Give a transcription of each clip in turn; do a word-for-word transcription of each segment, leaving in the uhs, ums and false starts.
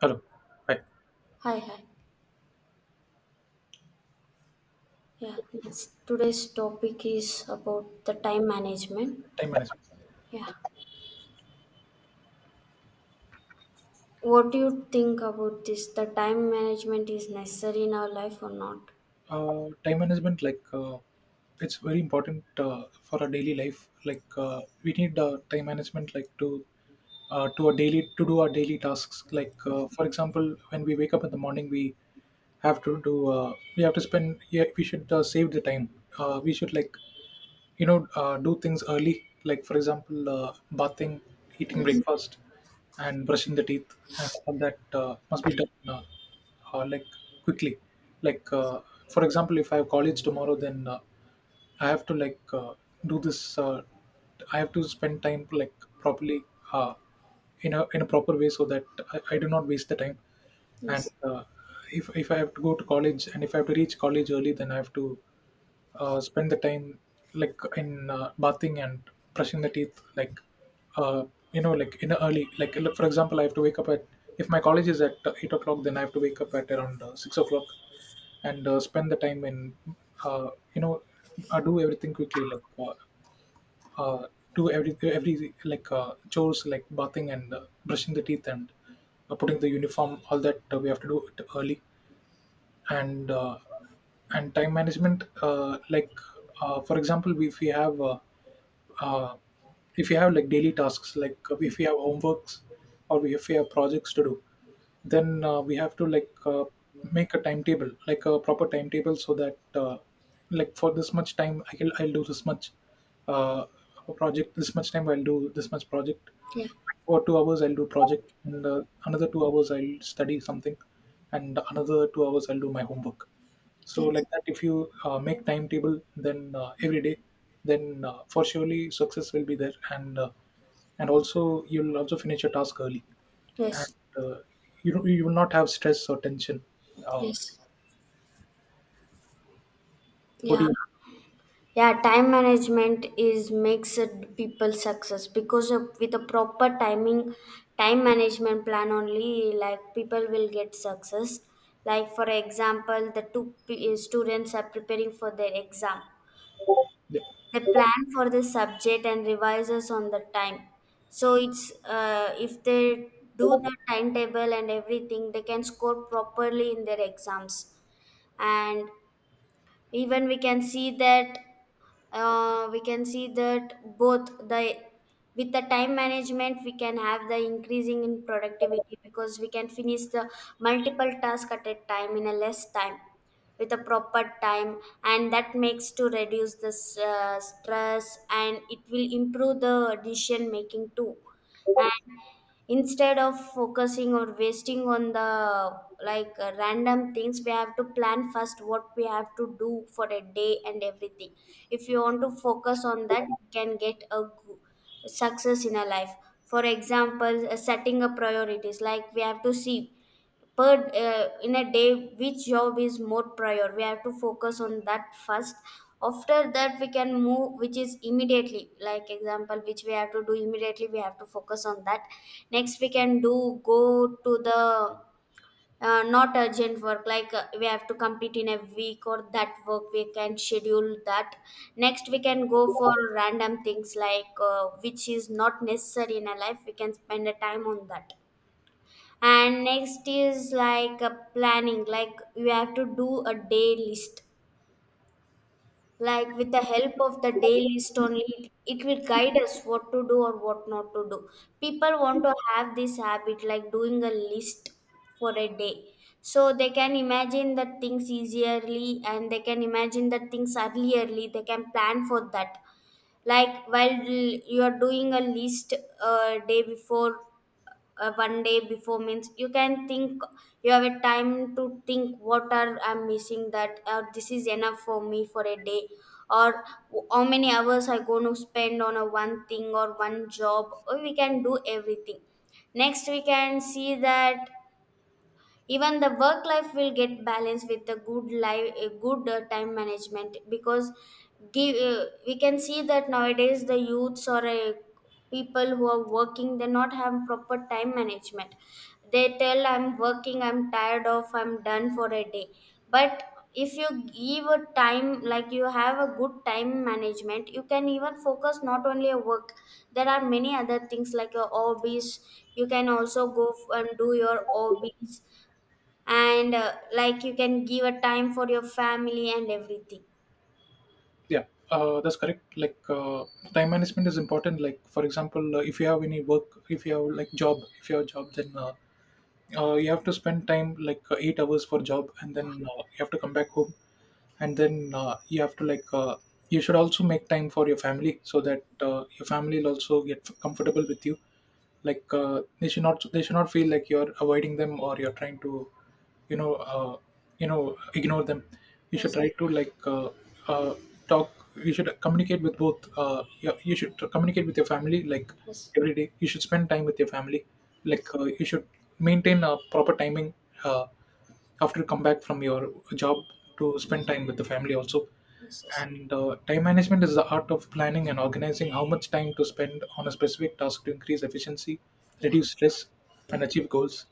Hello. Hi. Hi, hi. Yeah, yes. Today's topic is about the time management. Time management. Yeah. What do you think about this? The time management is necessary in our life or not? Uh, time management, like, uh, it's very important uh, for our daily life. Like, uh, we need uh, time management, like, to uh, to our daily to do our daily tasks. Like, uh, for example, when we wake up in the morning, we have to do. Uh, we have to spend. Yeah, we should uh, save the time. Uh, we should, like, you know uh, do things early, like for example, uh, bathing, eating Yes. breakfast, and brushing the teeth, and all that uh, must be done, uh, uh, like, quickly, like, uh, for example, if I have college tomorrow, then uh, I have to, like, uh, do this. uh, I have to spend time, like, properly, uh, in a in a proper way, so that i, I do not waste the time. And Yes. uh, if, if I have to go to college, and if I have to reach college early, then I have to uh, spend the time, like in uh, bathing and brushing the teeth, like, uh, you know like in the early, like, look, for example, I have to wake up at if my college is at uh, eight o'clock, then I have to wake up at around uh, six o'clock, and uh, spend the time in, uh, you know uh, do everything quickly, like, uh, uh, do every every, like, uh, chores like bathing and uh, brushing the teeth, and uh, putting the uniform, all that uh, we have to do it early. And uh, and time management, uh, like, uh, for example, if we have, uh, uh, if you have, like, daily tasks, like, uh, if we have homeworks, or if you have projects to do, then uh, we have to, like, uh, make a timetable, like a proper timetable, so that, uh, like, for this much time I'll, I'll do this much uh, project, this much time I'll do this much project. Yeah. For two hours I'll do project, and uh, another two hours I'll study something, and another two hours I'll do my homework. So Yes. like that, if you uh, make timetable, then uh, every day, then uh, for surely success will be there, and uh, and also you'll also finish your task early, Yes. and uh, you don't- you will not have stress or tension, uh, Yes. what do Yeah. you? Yeah, time management is makes it people success because of, with a proper timing, time management plan only, like people will get success. Like for example, the two p- students are preparing for their exam, Yeah, they plan for the subject and revises on the time, so it's uh, if they do the timetable and everything they can score properly in their exams. And even we can see that uh, we can see that both the with the time management we can have the increasing in productivity because we can finish the multiple tasks at a time in a less time with a proper time, and that makes to reduce the s- uh, stress and it will improve the decision making too. Instead of focusing or wasting on the like uh, random things, we have to plan first what we have to do for a day and everything. If you want to focus on that you can get a go- success in a life. For example, uh, setting up priorities, like we have to see per uh, in a day which job is more prior, we have to focus on that first. After that we can move which is immediately, like example which we have to do immediately we have to focus on that. Next we can do go to the uh, not urgent work, like uh, we have to complete in a week, or that work we can schedule that. Next we can go for random things like uh, which is not necessary in a life, we can spend a time on that. And next is like a planning, like you have to do a day list. Like with the help of the day list only it it will guide us what to do or what not to do. People want to have this habit like doing a list for a day, so they can imagine the things easily and they can imagine the things earlierly, they can plan for that. Like while you're doing a list, uh, day before, uh, one day before means you can think, you have a time to think what are I'm missing, that uh, this is enough for me for a day. Or how many hours I going to spend on a one thing or one job, or we can do everything. Next we can see that even the work life will get balanced with a good life, a good uh, time management. Because give, uh, we can see that nowadays the youths or uh, people who are working, they not have proper time management. They tell I'm working, I'm tired of, I'm done for a day. But if you give a time, like you have a good time management, you can even focus not only a work, there are many other things like your hobbies. You can also go f- and do your hobbies. And uh, like you can give a time for your family and everything. yeah, uh, that's correct, like, uh, time management is important, like for example, uh, if you have any work, if you have like job if you have job, then uh, uh, you have to spend time like, uh, eight hours for job, and then uh, you have to come back home, and then uh, you have to, like, uh, you should also make time for your family, so that uh, your family will also get comfortable with you, like, uh, they should not they should not feel like you're avoiding them or you're trying to, you know uh, you know ignore them. You should Yes. try to, like, uh, uh, talk. You should communicate with both, uh, you, you should communicate with your family, like every day. You should spend time with your family, like, uh, you should maintain a proper timing, uh, after you come back from your job, to spend time with the family also. Yes. Yes. And uh, time management is the art of planning and organizing how much time to spend on a specific task to increase efficiency, reduce stress, and achieve goals.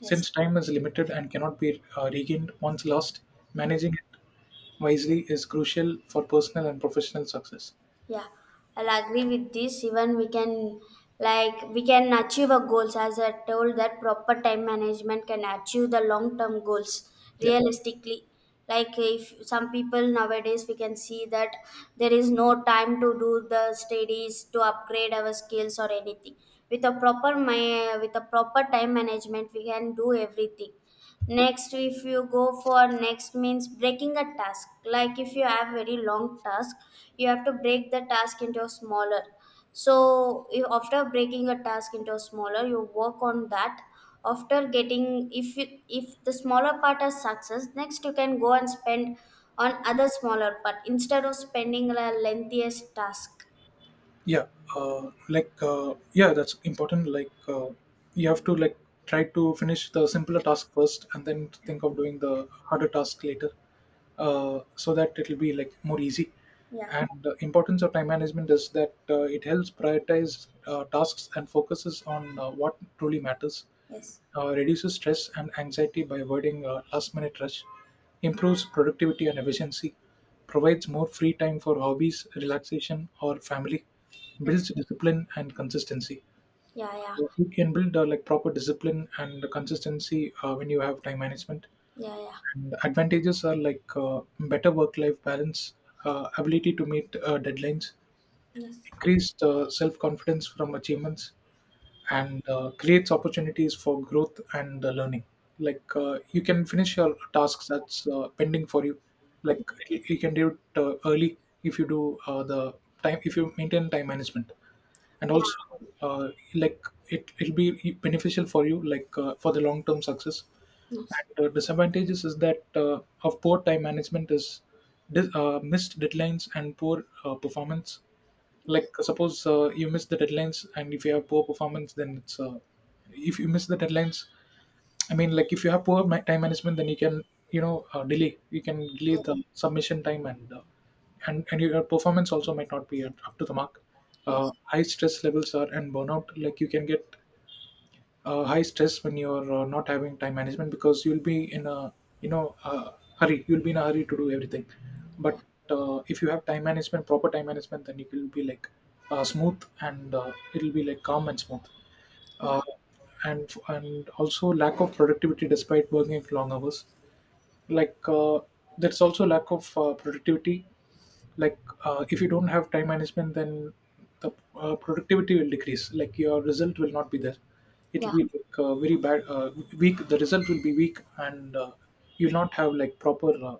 Yes, Since time is limited and cannot be uh, regained once lost, yes. managing it wisely is crucial for personal and professional success. Yeah, I'll agree with this. Even we can, like we can achieve our goals, as I told that proper time management can achieve the long term goals Yeah. realistically. Like if some people nowadays we can see that there is no time to do the studies to upgrade our skills or anything. With a proper my with a proper time management we can do everything. Next if you go for next means breaking a task, like if you have very long task you have to break the task into a smaller. So you- after breaking a task into a smaller you work on that. After getting if you, if the smaller part is success next you can go and spend on other smaller part, instead of spending a lengthiest task. Yeah, uh, like, uh, yeah, that's important, like, uh, you have to, like, try to finish the simpler task first, and then think of doing the harder task later, uh, so that it'll be like more easy. Yeah. And the importance of time management is that uh, it helps prioritize uh, tasks, and focuses on uh, what truly matters, Yes. uh, reduces stress and anxiety by avoiding uh, last minute rush, improves productivity and efficiency, provides more free time for hobbies, relaxation, or family, Yes. builds discipline and consistency. Yeah. Yeah. You can build, uh, like, proper discipline and consistency uh, when you have time management. Yeah. Yeah. And advantages are, like, uh, better work life balance, uh, ability to meet uh, deadlines, Yes. increased uh, self confidence from achievements, and uh, creates opportunities for growth and uh, learning. Like, uh, you can finish your tasks that's uh, pending for you. Like, you you can do it uh, early, if you do uh, the time if you maintain time management, and also Yeah. uh, like, it will be beneficial for you, like, uh, for the long term success. Yes. And uh, disadvantages is that, uh, of poor time management, is dis- uh, missed deadlines and poor uh, performance. Like, suppose uh, you miss the deadlines and if you have poor performance, then it's, uh, if you miss the deadlines, I mean, like, if you have poor ma- time management, then you can, you know uh, delay you can delay the submission time, and uh, and and your performance also might not be at, up to the mark. Uh, yes. High stress levels are and burnout, like, you can get uh, high stress when you're uh, not having time management, because you'll be in a, you know uh, hurry, you'll be in a hurry to do everything. But Yeah. uh, if you have time management, proper time management, then it will be like uh, smooth, and uh, it'll be like calm and smooth, Yeah. uh, and and also lack of productivity despite working long hours. Like, uh, there's also lack of uh, productivity, like, uh, if you don't have time management, then the uh, productivity will decrease, like your result will not be there, Yeah. it'll be like uh, very bad, uh, weak, the result will be weak, and uh, you'll not have like proper, uh,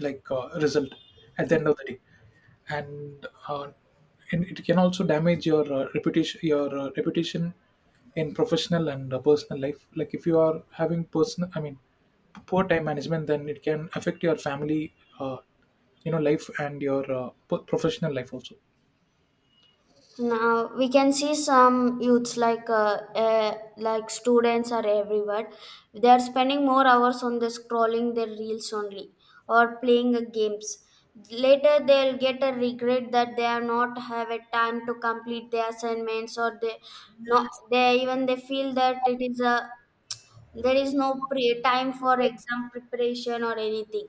like uh, result at the end of the day. And uh, and it can also damage your uh, reputation, your uh, reputation in professional and uh, personal life, like if you are having personal I mean poor time management, then it can affect your family, uh, you know life, and your uh, p- professional life also. Now we can see some youths like uh, uh, like students are everywhere. They are spending more hours on the scrolling their reels only, or playing uh, games. Later they'll get a regret that they are not have a time to complete their assignments, or they no they even they feel that it is a there is no pre- time for exam preparation or anything.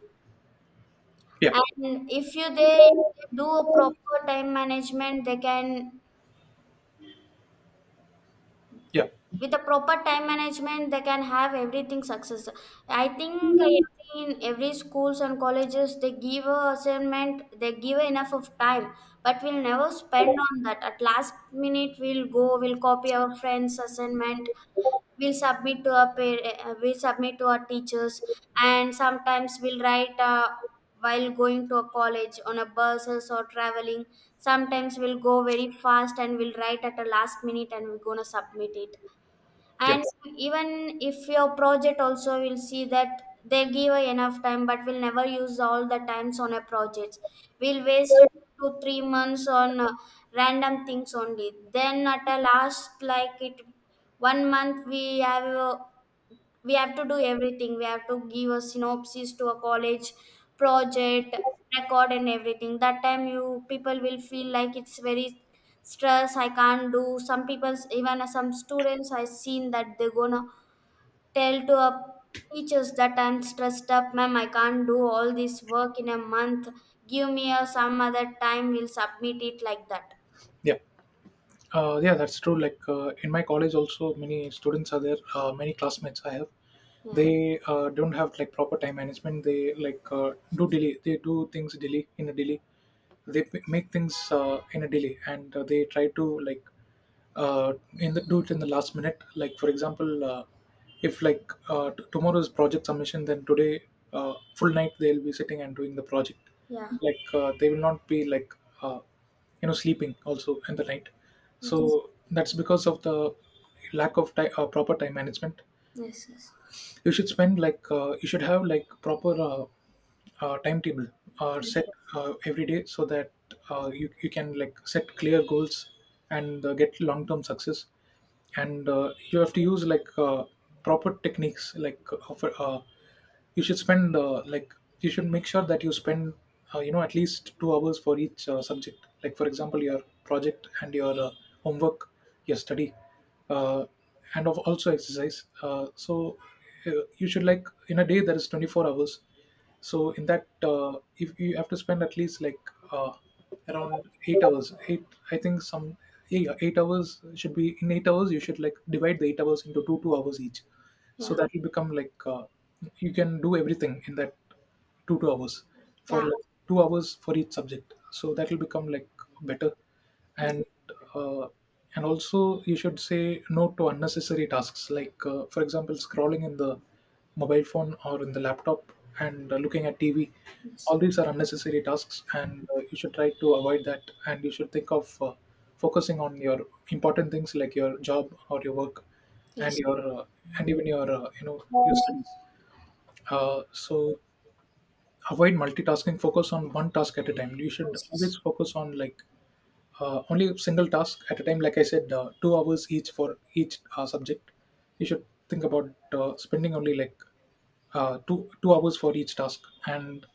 Yeah, And if you they do a proper time management, they can yeah, with the proper time management they can have everything success. I think in every schools and colleges they give a assignment, they give enough of time, but we'll never spend on that. At last minute we'll go we'll copy our friends assignment, we'll submit to our par- uh, we'll submit to our teachers. And sometimes we'll write uh, while going to a college on a buses or traveling, sometimes we'll go very fast and we'll write at the last minute and we're gonna submit it. yeah, And even if your project also will see that they give enough time but we'll never use all the times on a project. We'll waste two three months on uh, random things only, then at a last like it one month we have uh, we have to do everything, we have to give a synopsis to a college project record and everything. That time you people will feel like it's very stress, I can't do. Some people, even some students I seen that they gonna tell to a teachers that I'm stressed up, ma'am, I can't do all this work in a month, give me a some other time we'll submit it, like that. yeah, uh, yeah, that's true, like, uh, in my college also many students are there, uh, many classmates I have, Yeah. they uh, don't have like proper time management. They, like, uh, do delay they do things delay, in a delay. They p- make things, uh, in a delay. And uh, they try to, like, uh, in the do it in the last minute, like for example, uh, if, like, uh, t- tomorrow's project submission, then today uh, full night they'll be sitting and doing the project. Yeah. Like, uh, they will not be like, uh, you know sleeping also in the night. Yes. So that's because of the lack of ti- uh, proper time management. Yes. Yes. You should spend like uh, you should have like proper, uh, uh, timetable uh, Yes. set Yes. uh, every day, so that uh, you, you can, like, set clear goals, and uh, get long term success. And uh, you have to use, like, uh, proper techniques, like, of uh, you should spend uh, like you should make sure that you spend uh, you know at least two hours for each uh, subject, like for example your project and your uh, homework, your study, uh, and of also exercise, uh, so uh, you should, like, in a day there is twenty-four hours. So in that, uh, if you have to spend at least like, uh, around eight hours eight, I think some, yeah, eight hours should be, in eight hours you should, like, divide the eight hours into two two hours each, so Yeah. that will become like, uh, you can do everything in that two, two hours, for Yeah. like two hours for each subject. So that will become like better. Mm. And uh, and also you should say no to unnecessary tasks, like uh, for example scrolling in the mobile phone or in the laptop, and uh, looking at T V. Yes. All these are unnecessary tasks, and uh, you should try to avoid that. And you should think of uh, focusing on your important things, like your job or your work, and your uh, and even your, uh, you know your studies. Uh, so, avoid multitasking, focus on one task at a time. You should always focus on, like, uh, only a single task at a time, like I said, uh, two hours each for each uh, subject. You should think about uh, spending only, like, uh, two two hours for each task. And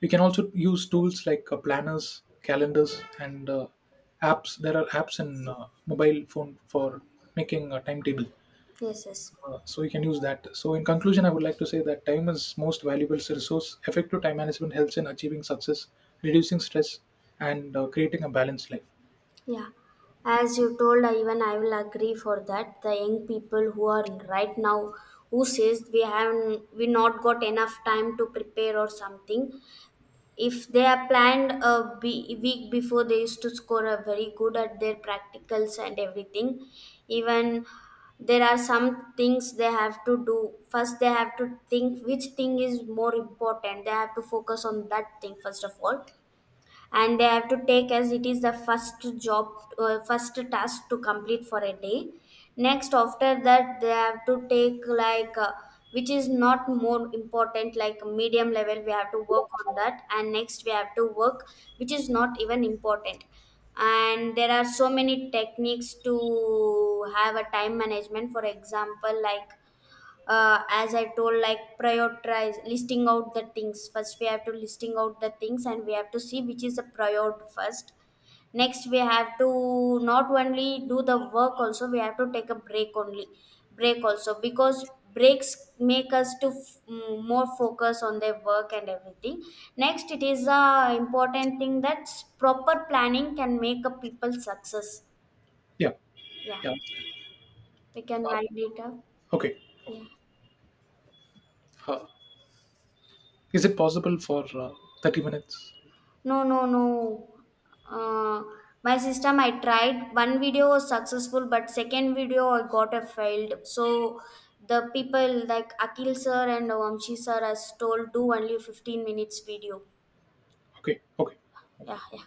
we can also use tools like uh, planners, calendars, and uh, apps. There are apps in uh, mobile phone for making a timetable, Yes. Yes. uh, so you can use that. So in conclusion, I would like to say that time is most valuable resource. Effective time management helps in achieving success, reducing stress, and uh, creating a balanced life. Yeah, as you told, I even I will agree for that. The young people who are right now, who says we have we not got enough time to prepare or something. If they are planned a be- week before, they used to score a very good at their practicals and everything. Even there are some things they have to do first, they have to think which thing is more important, they have to focus on that thing first of all, and they have to take as it is the first job, uh, first task to complete for a day. Next after that they have to take like uh, which is not more important like medium level, we have to work on that. And next we have to work which is not even important. And there are so many techniques to have a time management. For example, like uh, as I told, like prioritize listing out the things first, we have to listing out the things and we have to see which is the priority first. Next we have to not only do the work, also we have to take a break only, break also, because breaks make us to f- mm, more focus on their work and everything. Next it is a important thing that proper planning can make a people success. Yeah, Yeah, yeah. we can Uh, validate her. okay. Uh, is it possible for uh, thirty minutes? No, no, no. Uh, my system, I tried. One video was successful, but second video I got a failed. So the people like Akil sir and Vamshi sir has told do only fifteen minutes video. Okay, okay. Yeah, yeah.